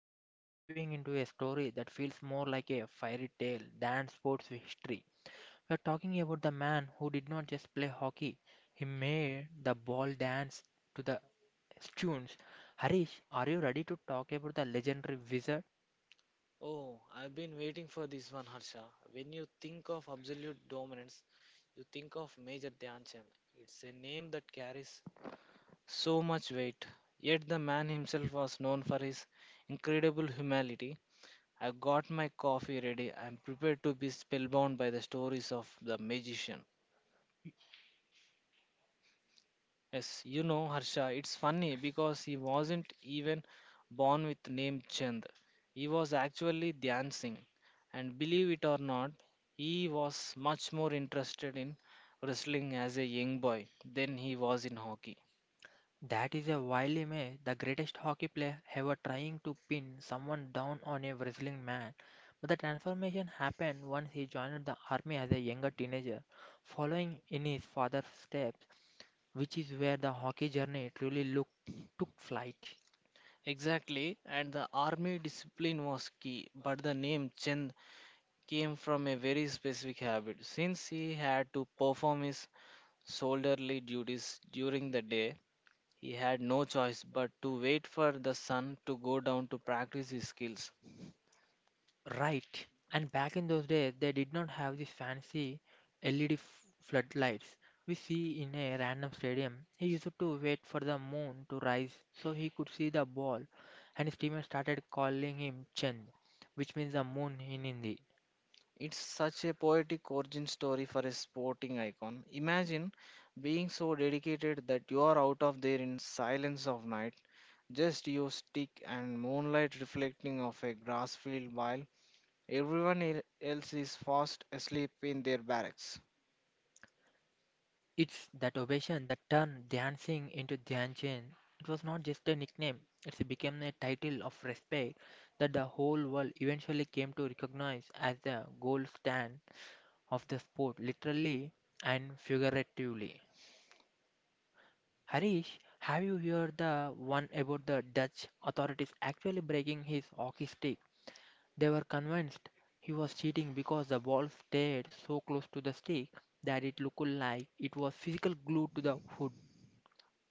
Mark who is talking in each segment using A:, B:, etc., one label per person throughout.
A: today we are diving into a story that feels more like a fairy tale than sports history. We're talking about the man who did not just play hockey, he made the ball dance to the tunes. Harish, are you ready to talk about the legendary wizard?
B: Oh, I've been waiting for this one, Harsha. When you think of absolute dominance, you think of Major Dhyanchand. It's a name that carries so much weight. Yet the man himself was known for his incredible humility. I've got my coffee ready. I'm prepared to be spellbound by the stories of the magician. Yes, Harsha, it's funny because he wasn't even born with name Chand. He was actually Dhyan Singh. And believe it or not, he was much more interested in wrestling as a young boy than he was in hockey.
A: That is a wily myth. The greatest hockey player ever trying to pin someone down on a wrestling mat. But the transformation happened once he joined the army as a younger teenager, following in his father's steps, which is where the hockey journey truly took flight.
B: Exactly, and the army discipline was key, but the name Chand came from a very specific habit. Since he had to perform his soldierly duties during the day, he had no choice but to wait for the sun to go down to practice his skills.
A: Right. And back in those days, they did not have these fancy LED floodlights we see in a random stadium. He used to wait for the moon to rise so he could see the ball, and his teammates started calling him Chand, which means the moon in Hindi.
B: It's such a poetic origin story for a sporting icon. Imagine being so dedicated that you are out of there in silence of night, just your stick and moonlight reflecting off a grass field while everyone else is fast asleep in their barracks.
A: It's that ovation that turned dancing into Dhyan Chand. It was not just a nickname, it became a title of respect that the whole world eventually came to recognize as the gold standard of the sport, literally and figuratively. Harish, have you heard the one about the Dutch authorities actually breaking his hockey stick? They were convinced he was cheating because the ball stayed so close to the stick that it looked like it was physical glued to the hood.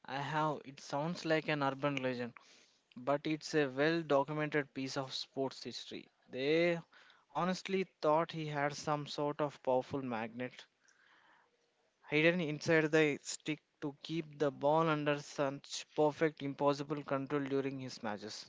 B: I have. It sounds like an urban legend, but it's a well documented piece of sports history. They honestly thought he had some sort of powerful magnet hidden inside the stick to keep the ball under such perfect impossible control during his matches.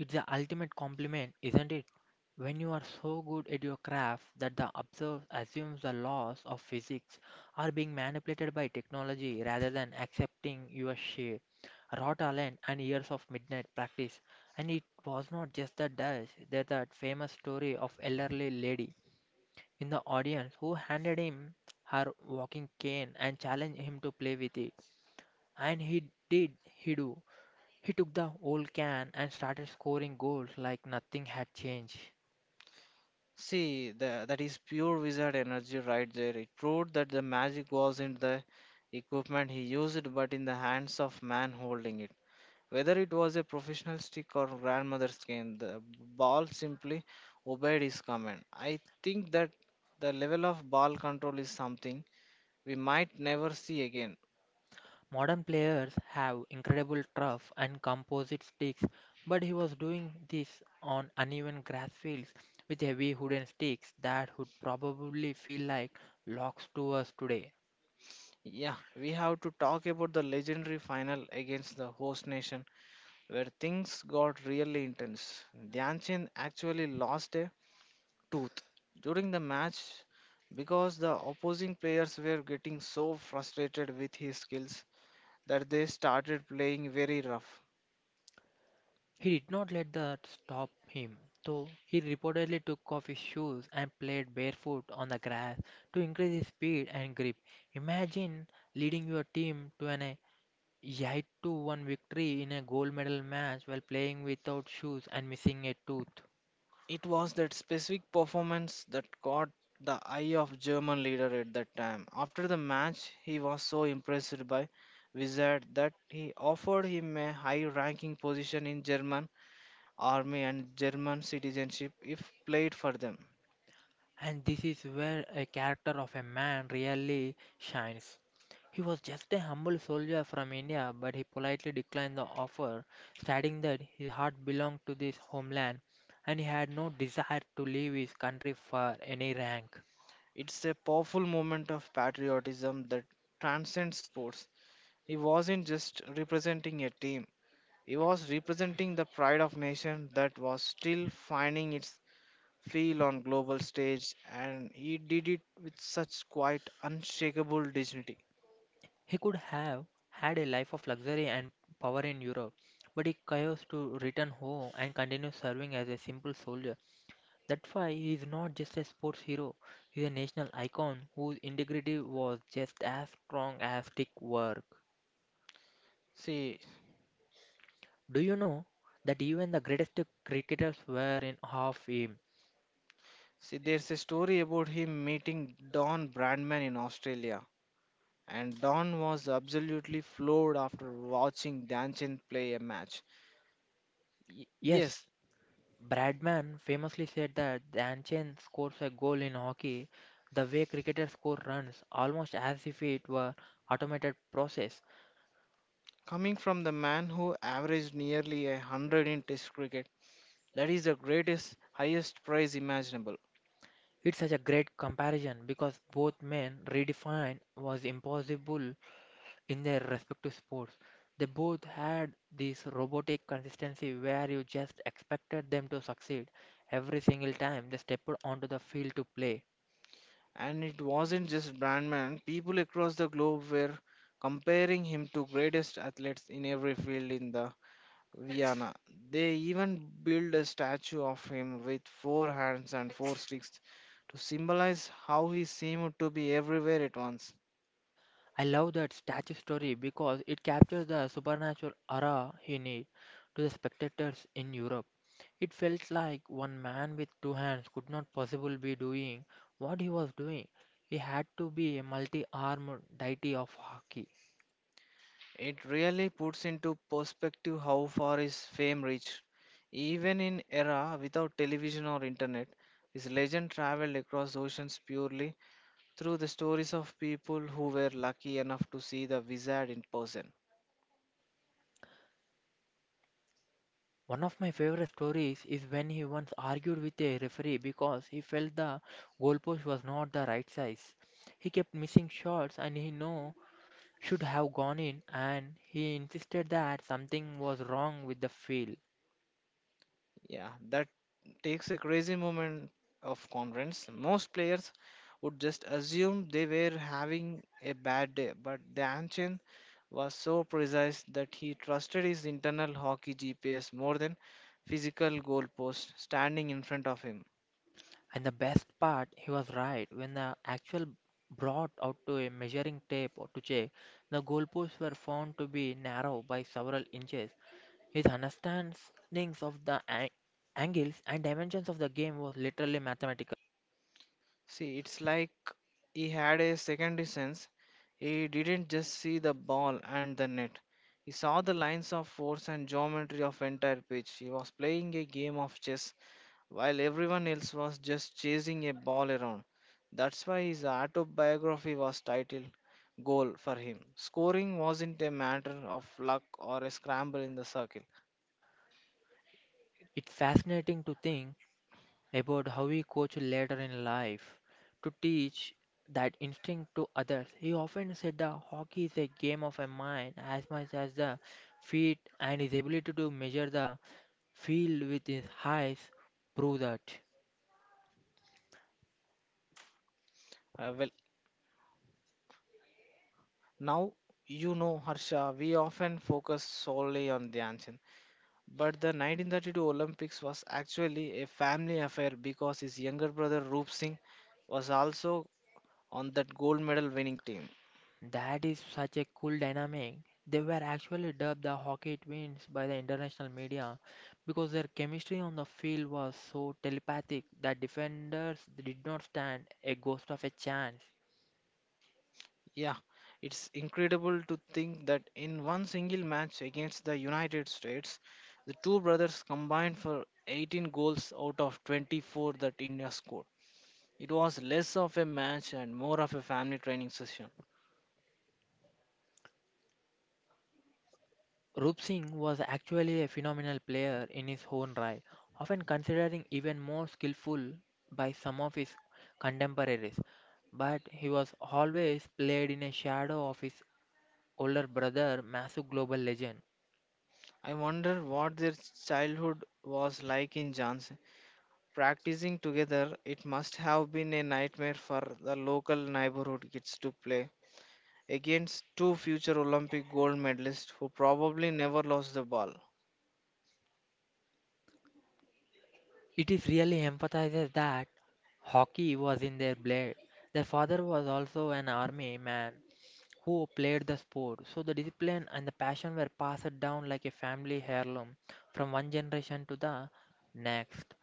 A: It's the ultimate compliment, isn't it? When you are so good at your craft that the observer assumes the laws of physics are being manipulated by technology rather than accepting your sheer raw talent and years of midnight practice. And it was not just the Dutch, there's that famous story of elderly lady in the audience who handed him her walking cane and challenged him to play with it. And he did, he do. He took the old can and started scoring goals like nothing had changed.
B: See, that is pure wizard energy right there. It proved that the magic was in the equipment he used, but in the hands of man holding it. Whether it was a professional stick or grandmother's cane, the ball simply obeyed his command. I think that the level of ball control is something we might never see again.
A: Modern players have incredible turf and composite sticks, but he was doing this on uneven grass fields with heavy wooden sticks that would probably feel like logs to us today.
B: Yeah, we have to talk about the legendary final against the host nation where things got really intense. Dhyanchand actually lost a tooth during the match because the opposing players were getting so frustrated with his skills that they started playing very rough.
A: He did not let that stop him, though he reportedly took off his shoes and played barefoot on the grass to increase his speed and grip. Imagine leading your team to an Yaitu won victory in a gold medal match while playing without shoes and missing a tooth.
B: It was that specific performance that caught the eye of German leader at that time. After the match, he was so impressed by Wizard that he offered him a high-ranking position in German army and German citizenship if played for them.
A: And this is where a character of a man really shines. He was just a humble soldier from India, but he politely declined the offer, stating that his heart belonged to this homeland and he had no desire to leave his country for any rank.
B: It's a powerful moment of patriotism that transcends sports. He wasn't just representing a team. He was representing the pride of nation that was still finding its feel on global stage and he did it with such quite unshakable dignity.
A: He could have had a life of luxury and power in Europe, but he chose to return home and continue serving as a simple soldier. That's why he is not just a sports hero, he is a national icon whose integrity was just as strong as stick work.
B: see
A: Do you know that even the greatest cricketers were in awe of him?
B: see there's a story about him meeting don Bradman in australia, and don was absolutely floored after watching danchin play a match. Yes,
A: Yes, Bradman famously said that the ancient scores a goal in hockey the way cricketers score runs, almost as if it were automated process.
B: coming from the man who averaged nearly 100 in test cricket, that is the greatest highest prize imaginable.
A: It's such a great comparison because both men redefined was impossible in their respective sports. They both had this robotic consistency where you just expected them to succeed every single time they stepped onto the field to play.
B: And it wasn't just Brandman, people across the globe were comparing him to greatest athletes in every field in the Vienna. They even built a statue of him with four hands and four sticks to symbolize how he seemed to be everywhere at once.
A: I love that statue story because it captures the supernatural aura he need to the spectators in Europe. It felt like one man with two hands could not possibly be doing what he was doing. He had to be a multi-armed deity of hockey.
B: It really puts into perspective how far his fame reached. Even in era without television or internet, his legend traveled across oceans purely through the stories of people who were lucky enough to see the wizard in person.
A: One of my favorite stories is when he once argued with a referee because he felt the goalpost was not the right size. He kept missing shots and he know should have gone in, and he insisted that something was wrong with the field.
B: Yeah, that takes a crazy moment of confidence. Most players would just assume they were having a bad day, but the ancient was so precise that he trusted his internal hockey GPS more than physical goalposts standing in front of him.
A: And the best part, he was right. When the actual brought out to a measuring tape to check, the goalposts were found to be narrow by several inches. His understandings of the angles and dimensions of the game was literally mathematical.
B: See, it's like he had a second sense. He didn't just see the ball and the net. He saw the lines of force and geometry of entire pitch. He was playing a game of chess while everyone else was just chasing a ball around. That's why his autobiography was titled Goal for him. Scoring wasn't a matter of luck or a scramble in the circle.
A: It's fascinating to think about how we coach later in life to teach that instinct to others. He often said that hockey is a game of a mind as much as the feet, and his ability to measure the field with his eyes prove that.
B: Well, now, Harsha, we often focus solely on Dhyan. But the 1932 Olympics was actually a family affair because his younger brother Roop Singh was also on that gold medal winning team.
A: That is such a cool dynamic. They were actually dubbed the hockey twins by the international media because their chemistry on the field was so telepathic that defenders did not stand a ghost of a chance.
B: Yeah, it's incredible to think that in one single match against the United States, the two brothers combined for 18 goals out of 24 that India scored. It was less of a match and more of a family training session.
A: Rup Singh was actually a phenomenal player in his own right, often considered even more skillful by some of his contemporaries, but he was always played in a shadow of his older brother, massive global legend.
B: I wonder what their childhood was like in Jhansi. Practicing together, it must have been a nightmare for the local neighborhood kids to play against two future Olympic gold medalists who probably never lost the ball.
A: It is really emphasizes that hockey was in their blood. Their father was also an army man who played the sport, so the discipline and the passion were passed down like a family heirloom from one generation to the next.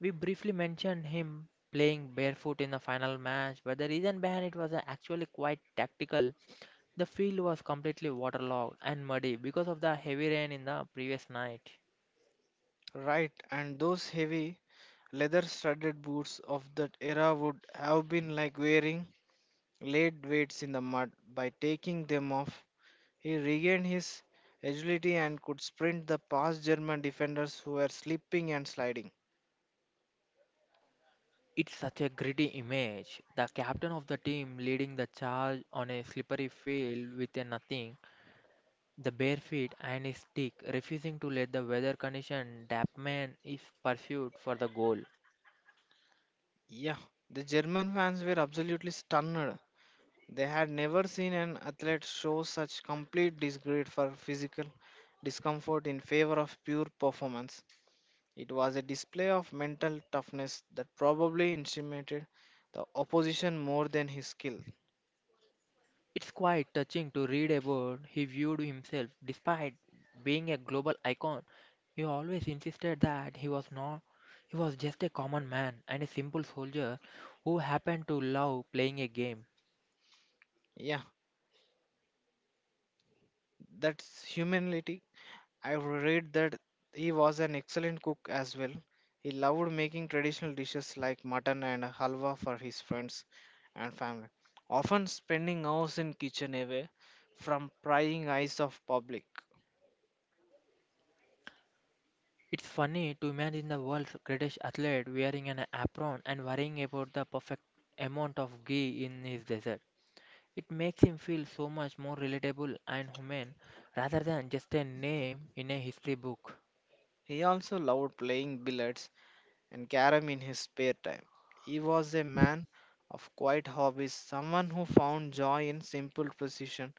A: We briefly mentioned him playing barefoot in the final match, but the reason behind it was actually quite tactical. The field was completely waterlogged and muddy because of the heavy rain in the previous night.
B: Right, and those heavy leather studded boots of that era would have been like wearing lead weights in the mud. By taking them off, he regained his agility and could sprint the past German defenders who were slipping and sliding.
A: It's such a gritty image. The captain of the team leading the charge on a slippery field with a nothing, the bare feet and his stick refusing to let the weather condition dampen his pursuit for the goal.
B: Yeah, the German fans were absolutely stunned. They had never seen an athlete show such complete disregard for physical discomfort in favor of pure performance. It was a display of mental toughness that probably intimidated the opposition more than his skill.
A: It's quite touching to read about he viewed himself despite being a global icon. He always insisted that he was not, he was just a common man and a simple soldier who happened to love playing a game.
B: Yeah, that's humility. I read that he was an excellent cook as well. He loved making traditional dishes like mutton and halwa for his friends and family, often spending hours in kitchen away from prying eyes of public.
A: It's funny to imagine the world's greatest athlete wearing an apron and worrying about the perfect amount of ghee in his dessert. It makes him feel so much more relatable and human rather than just a name in a history book.
B: He also loved playing billiards and carom in his spare time. He was a man of quiet hobbies, someone who found joy in simple precision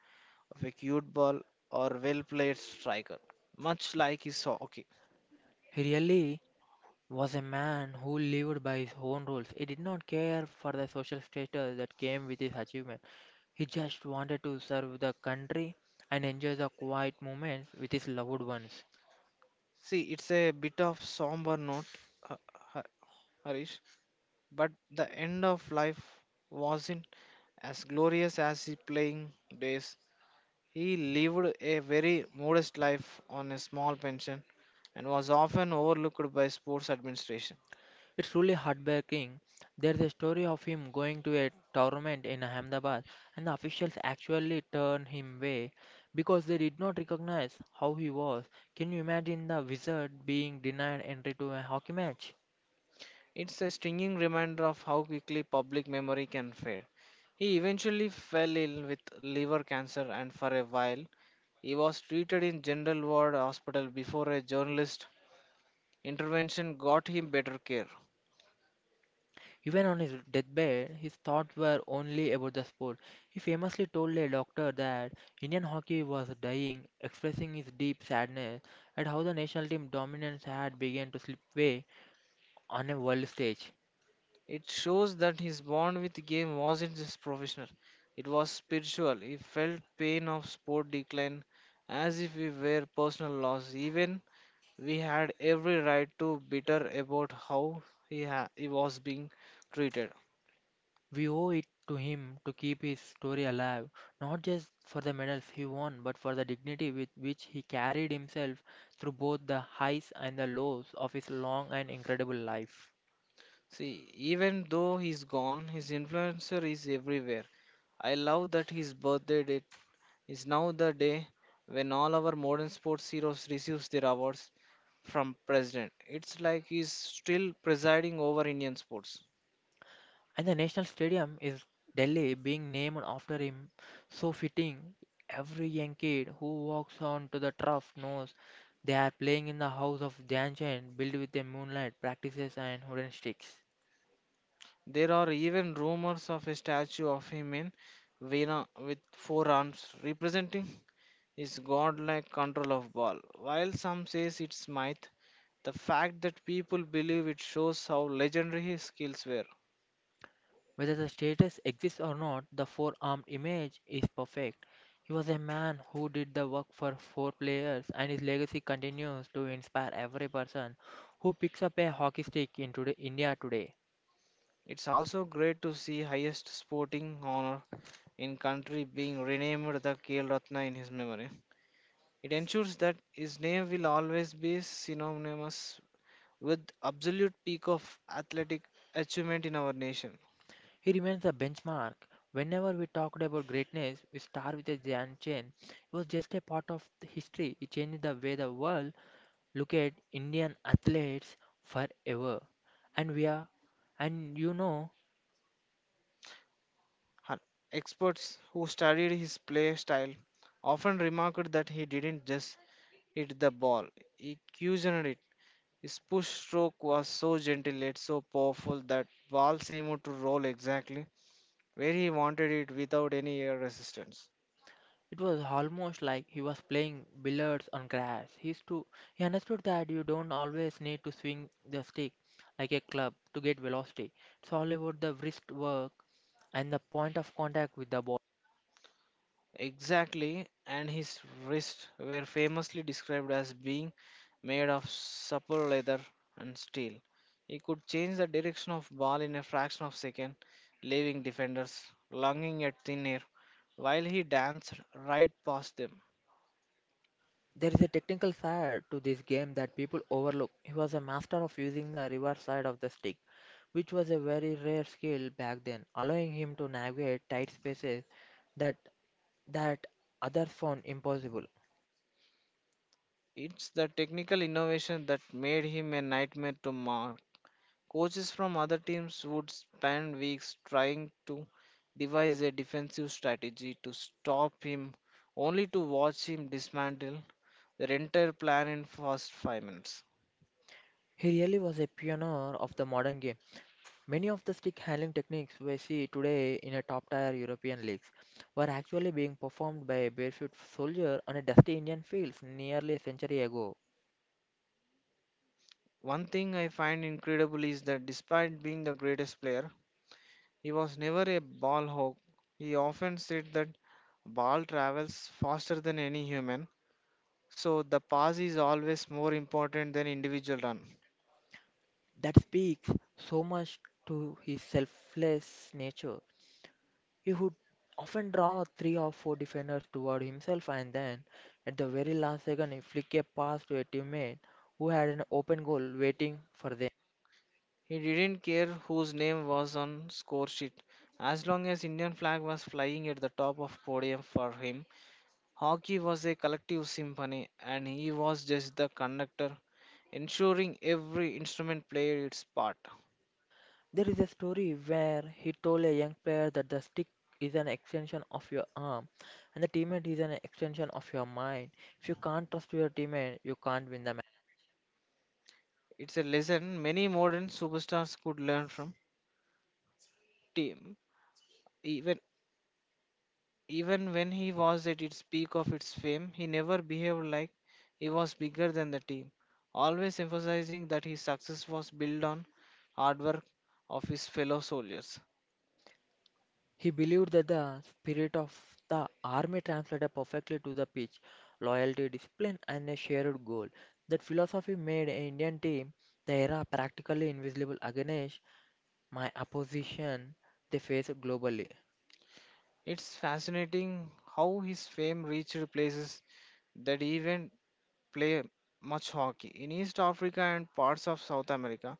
B: of a cute ball or well-played striker, much like his hockey.
A: He really was a man who lived by his own rules. He did not care for the social status that came with his achievement. He just wanted to serve the country and enjoy the quiet moments with his loved ones.
B: See, it's a bit of somber note, Ha- Ha- Harish, but the end of life wasn't as glorious as his playing days. He lived a very modest life on a small pension and was often overlooked by sports administration.
A: It's truly heartbreaking. There's a story of him going to a tournament in Ahmedabad, and the officials actually turned him away because they did not recognize how he was. Can you imagine the wizard being denied entry to a hockey match?
B: It's a stinging reminder of how quickly public memory can fade. He eventually fell ill with liver cancer and for a while he was treated in general ward hospital before a journalist intervention got him better care.
A: Even on his deathbed, his thoughts were only about the sport. He famously told a doctor that Indian hockey was dying, expressing his deep sadness at how the national team dominance had begun to slip away on a world stage.
B: It shows that his bond with game wasn't just professional, it was spiritual. He felt pain of sport decline as if we were personal loss. Even we had every right to bitter about how he was being treated.
A: We owe it to him to keep his story alive, not just for the medals he won, but for the dignity with which he carried himself through both the highs and the lows of his long and incredible life.
B: See, even though he's gone, his influencer is everywhere. I love that his birthday date is now the day when all our modern sports heroes receives their awards from president. It's like he's still presiding over Indian sports.
A: And the national stadium is Delhi being named after him. So fitting, every young kid who walks onto the turf knows they are playing in the house of Dhyan Chand, built with a moonlight, practices, and wooden sticks.
B: There are even rumors of a statue of him in Vienna with four arms representing his godlike control of ball. While some says it's myth, the fact that people believe it shows how legendary his skills were.
A: Whether the status exists or not, the four armed image is perfect. He was a man who did the work for four players, and his legacy continues to inspire every person who picks up a hockey stick in today, India today.
B: It's also great to see highest sporting honor in country being renamed the KL Ratna in his memory. It ensures that his name will always be synonymous with absolute peak of athletic achievement in our nation.
A: He remains the benchmark. Whenever we talked about greatness, we start with a Jan Chain. It was just a part of the history. It changed the way the world look at Indian athletes forever. And we are, and you know,
B: Hun- Experts who studied his play style often remarked that he didn't just hit the ball, he cushioned it. His push stroke was so gentle yet so powerful that ball seemed to roll exactly where he wanted it without any air resistance.
A: it was almost like he was playing billiards on grass. He understood that you don't always need to swing the stick like a club to get velocity. It's all about the wrist work and the point of contact with the.
B: Exactly, and his wrists were famously described as being made of supple leather and steel. He could change the direction of ball in a fraction of a second, leaving defenders lunging at thin air while he danced right past them.
A: There is a technical side to this game that people overlook. He was a master of using the reverse side of the stick, which was a very rare skill back then, allowing him to navigate tight spaces that that others found impossible.
B: It's the technical innovation that made him a nightmare to Coaches from other teams would spend weeks trying to devise a defensive strategy to stop him, only to watch him dismantle their entire plan in first 5 minutes.
A: He really was a pioneer of the modern game. Many of the stick handling techniques we see today in a top-tier European leagues were actually being performed by a barefoot soldier on a dusty Indian fields nearly a century ago.
B: One thing I find incredible is that despite being the greatest player, he was never a ball hog. He often said that ball travels faster than any human, so the pass is always more important than individual run.
A: That speaks so much to his selfless nature. He would often draw three or four defenders toward himself and then, at the very last second, he flick a pass to a teammate who had an open goal waiting for them.
B: He didn't care whose name was on score sheet. As long as Indian flag was flying at the top of podium for him, hockey was a collective symphony and he was just the conductor, ensuring every instrument played its part.
A: There is a story where he told a young player that the stick is an extension of your arm and the teammate is an extension of your mind. If you can't trust your teammate, you can't win the match.
B: It's a lesson many modern superstars could learn from. Team even Even when he was at its peak of its fame, he never behaved like he was bigger than the team, always emphasizing that his success was built on hard work of his fellow soldiers.
A: He believed that the spirit of the army translated perfectly to the pitch loyalty, discipline, and a shared goal. That philosophy made an Indian team the era practically invisible against my opposition they faced globally.
B: It's fascinating how his fame reached places that even play much hockey. In East Africa and parts of South America,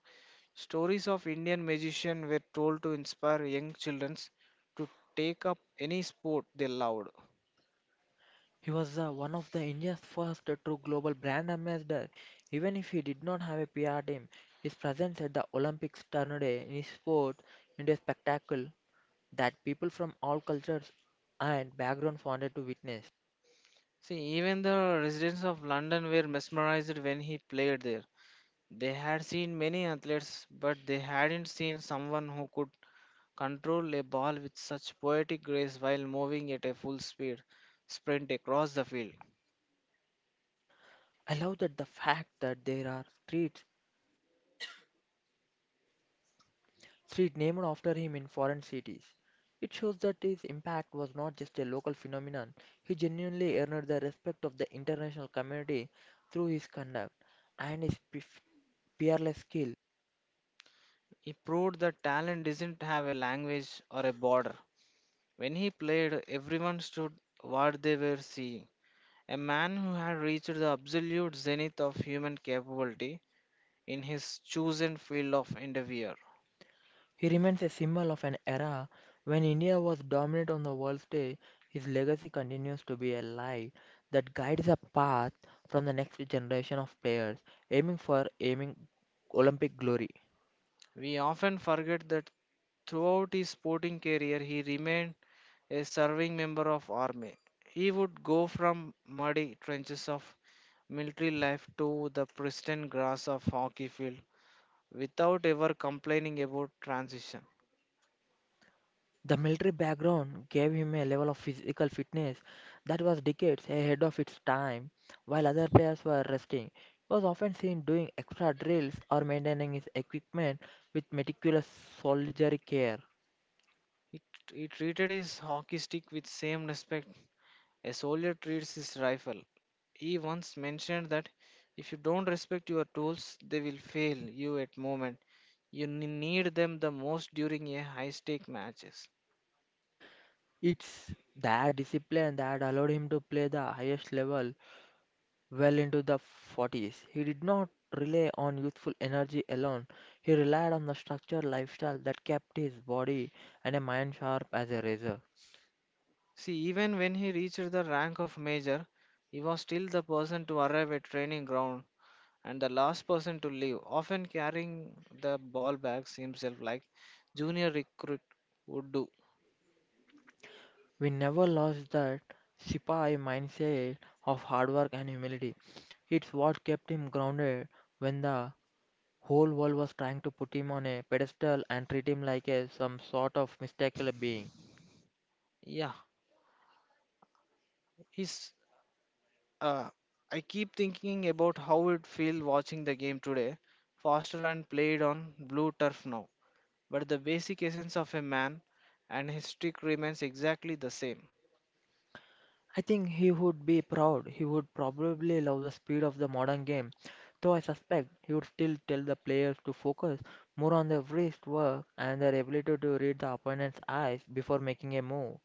B: stories of Indian magicians were told to inspire young children to take up any sport they loved.
A: He was one of the India's first true global brand ambassador. Even if he did not have a PR team, his presence at the Olympics turned a sport into a spectacle that people from all cultures and backgrounds wanted to witness.
B: See, even the residents of London were mesmerized when he played there. They had seen many athletes, but they hadn't seen someone who could control a ball with such poetic grace while moving at a full speed sprint across the field.
A: I love that the fact that there are street named after him in foreign cities. It shows that his impact was not just a local phenomenon. He genuinely earned the respect of the international community through his conduct and his peerless skill.
B: He proved that talent doesn't have a language or a border. When he played, everyone stood what they were seeing. A man who had reached the absolute zenith of human capability in his chosen field of endeavor.
A: He remains a symbol of an era when India was dominant on the world stage. His legacy continues to be a light that guides a path from the next generation of players aiming for aiming Olympic glory.
B: We often forget that throughout his sporting career he remained a serving member of army. He would go from muddy trenches of military life to the pristine grass of hockey field without ever complaining about transition.
A: The military background gave him a level of physical fitness that was decades ahead of its time, while other players were resting. He was often seen doing extra drills or maintaining his equipment with meticulous soldierly care.
B: He, he treated his hockey stick with same respect a soldier treats his rifle. He once mentioned that if you don't respect your tools, they will fail you at moment. You need them the most during a high stake matches.
A: It's that discipline that allowed him to play the highest level well into the 40s. He did not rely on youthful energy alone, he relied on the structured lifestyle that kept his body and a mind sharp as a razor.
B: See, even when he reached the rank of major, he was still the person to arrive at training ground and the last person to leave, often carrying the ball bags himself like junior recruit would do.
A: We never lost that Sipahi mindset of hard work and humility. It's what kept him grounded when the whole world was trying to put him on a pedestal and treat him like a some sort of mystical being.
B: Yeah, his Uh, I keep thinking about how it feel watching the game today, faster and played on blue turf now. But the basic essence of a man and his stick remains exactly the same.
A: I think he would be proud. He would probably love the speed of the modern game, though I suspect he would still tell the players to focus more on their wrist work and their ability to read the opponent's eyes before making a move.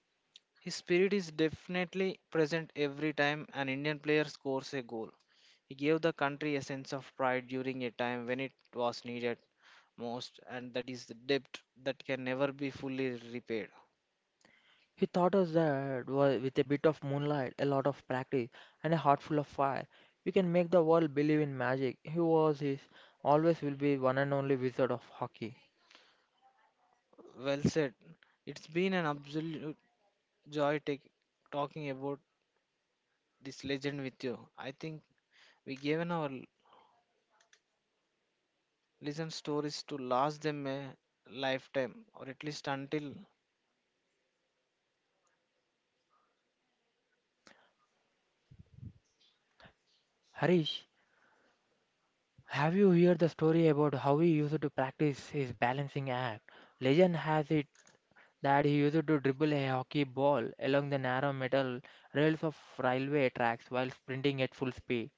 B: His spirit is definitely present every time an Indian player scores a goal. He gave the country a sense of pride during a time when it was needed most, and that is the debt that can never be fully repaid.
A: He taught us that with a bit of moonlight, a lot of practice, and a heart full of fire, you can make the world believe in magic. He was his, always will be one and only wizard of hockey.
B: Well said. It's been an absolute joy talking about this legend with you. I think we given our listen stories to last them a lifetime or at least until
A: Harish, have you heard the story about how he used to practice his balancing act? Legend has it that he used to dribble a hockey ball along the narrow metal rails of railway tracks while sprinting at full speed.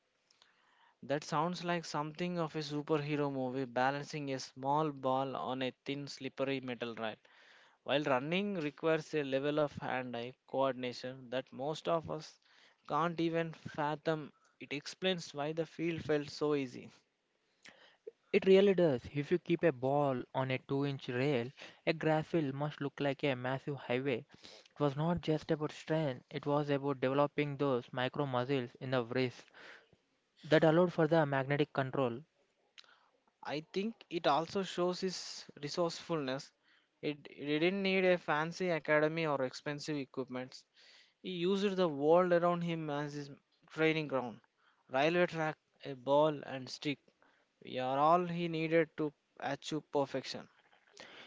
B: that sounds like something of a superhero movie balancing a small ball on a thin slippery metal rail. While running requires a level of hand-eye coordination that most of us can't even fathom, it explains why the field felt so easy.
A: It really does. If you keep a ball on a 2-inch rail, a grass field must look like a massive highway. It was not just about strength, it was about developing those micro muscles in the wrist that allowed for the magnetic control.
B: I think it also shows his resourcefulness. It didn't need a fancy academy or expensive equipment. He used the world around him as his training ground. Railway track, a ball and stick were all he needed to achieve perfection.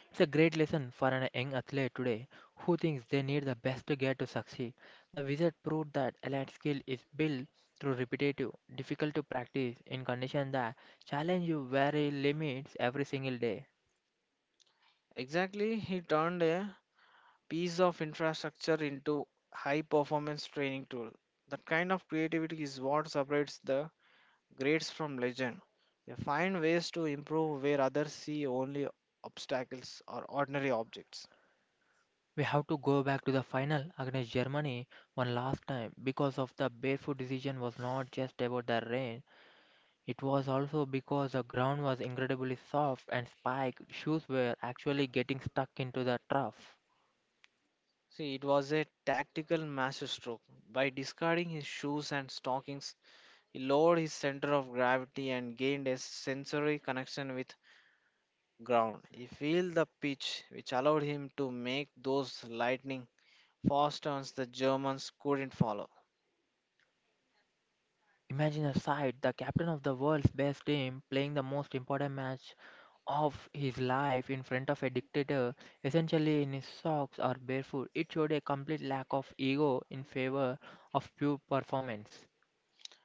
A: It's a great lesson for an young athlete today who thinks they need the best gear to succeed. The wizard proved that elite skill is built through repetitive, difficult to practice in conditions that challenge you very limits every single day.
B: Exactly, he turned a piece of infrastructure into high performance training tool. That kind of creativity is what separates the grades from legend. They find ways to improve where others see only obstacles or ordinary objects.
A: We have to go back to the final against Germany one last time because of the barefoot decision was not just about the rain. It was also because the ground was incredibly soft and spiked shoes were actually getting stuck into the turf.
B: See, it was a tactical masterstroke. By discarding his shoes and stockings, he lowered his center of gravity and gained a sensory connection with ground. He felt the pitch, which allowed him to make those lightning fast turns the Germans couldn't follow.
A: Imagine a sight, the captain of the world's best team playing the most important match of his life in front of a dictator, essentially in his socks or barefoot. It showed a complete lack of ego in favor of pure performance.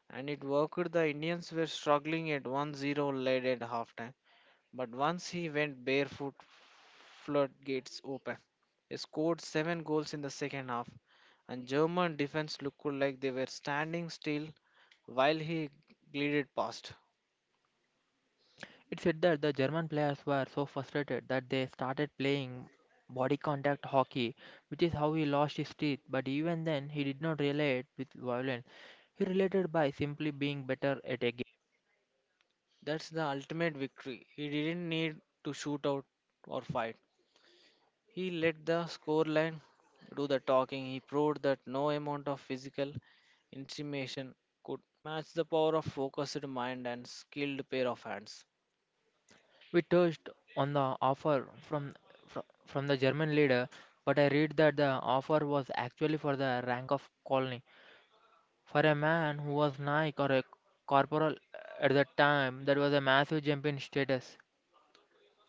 B: And it worked. The Indians were struggling at 1-0 lead at halftime. But once he went barefoot, floodgates open. He scored seven goals in the second half, and German defense looked like they were standing still while he glided past.
A: It said that the German players were so frustrated that they started playing body contact hockey, which is how he lost his teeth. But even then, he did not relate with violence. He related by simply being better at a game.
B: That's the ultimate victory. He didn't need to shoot out or fight. He let the scoreline do the talking. He proved that no amount of physical intimidation could match the power of focused mind and skilled pair of hands.
A: We touched on the offer from from the German leader, but I read that the offer was actually for the rank of colonel. For a man who was Nike or a corporal at that time, that was a massive jump in status.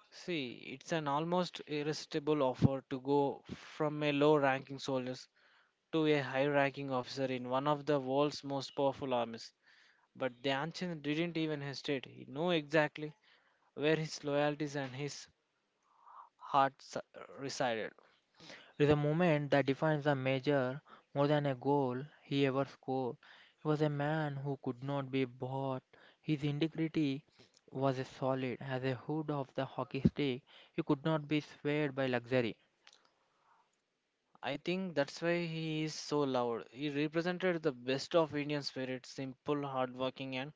B: See, it's an almost irresistible offer to go from a low ranking soldier to a high ranking officer in one of the world's most powerful armies. But the ancient didn't even hesitate. He knew exactly where his loyalties and heart s- resided.
A: Is a moment that defines a major more than a goal he ever scored. He was a man who could not be bought. His integrity was as solid as a hood of the hockey stick. He could not be swayed by luxury.
B: I think that's why he is so loved. He represented the best of Indian spirit, simple, hardworking, and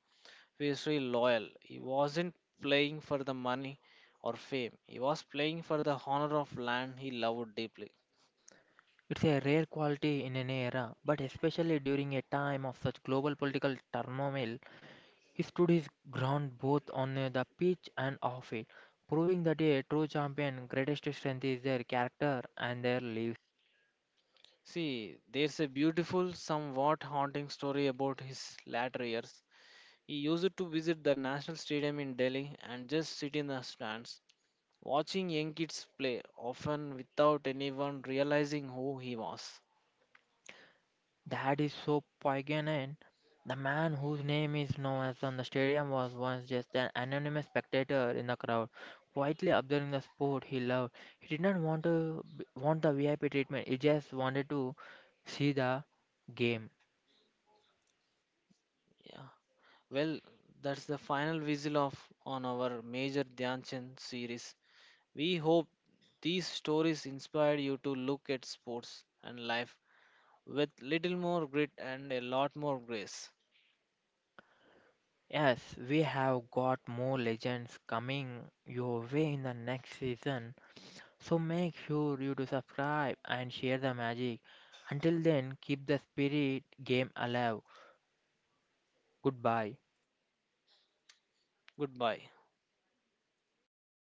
B: fiercely loyal. He wasn't playing for the money or fame. He was playing for the honor of land he loved deeply.
A: It's a rare quality in an era, but especially during a time of such global political turmoil, he stood his ground both on the pitch and off it, proving that a true champion greatest strength is their character and their lives.
B: See, there's a beautiful, somewhat haunting story about his latter years. He used to visit the National Stadium in Delhi and just sit in the stands, watching young kids play, often without anyone realizing who he was.
A: That is so poignant. The man whose name is known as on the stadium was once just an anonymous spectator in the crowd, quietly observing the sport he loved. He did not want to want the VIP treatment. He just wanted to see the game.
B: Yeah. Well, that's the final whistle of on our Major Dhyan Chand series. We hope these stories inspire you to look at sports and life with little more grit and a lot more grace.
A: Yes, we have got more legends coming your way in the next season. So make sure you do subscribe and share the magic. Until then, keep the spirit game alive. Goodbye.
B: Goodbye.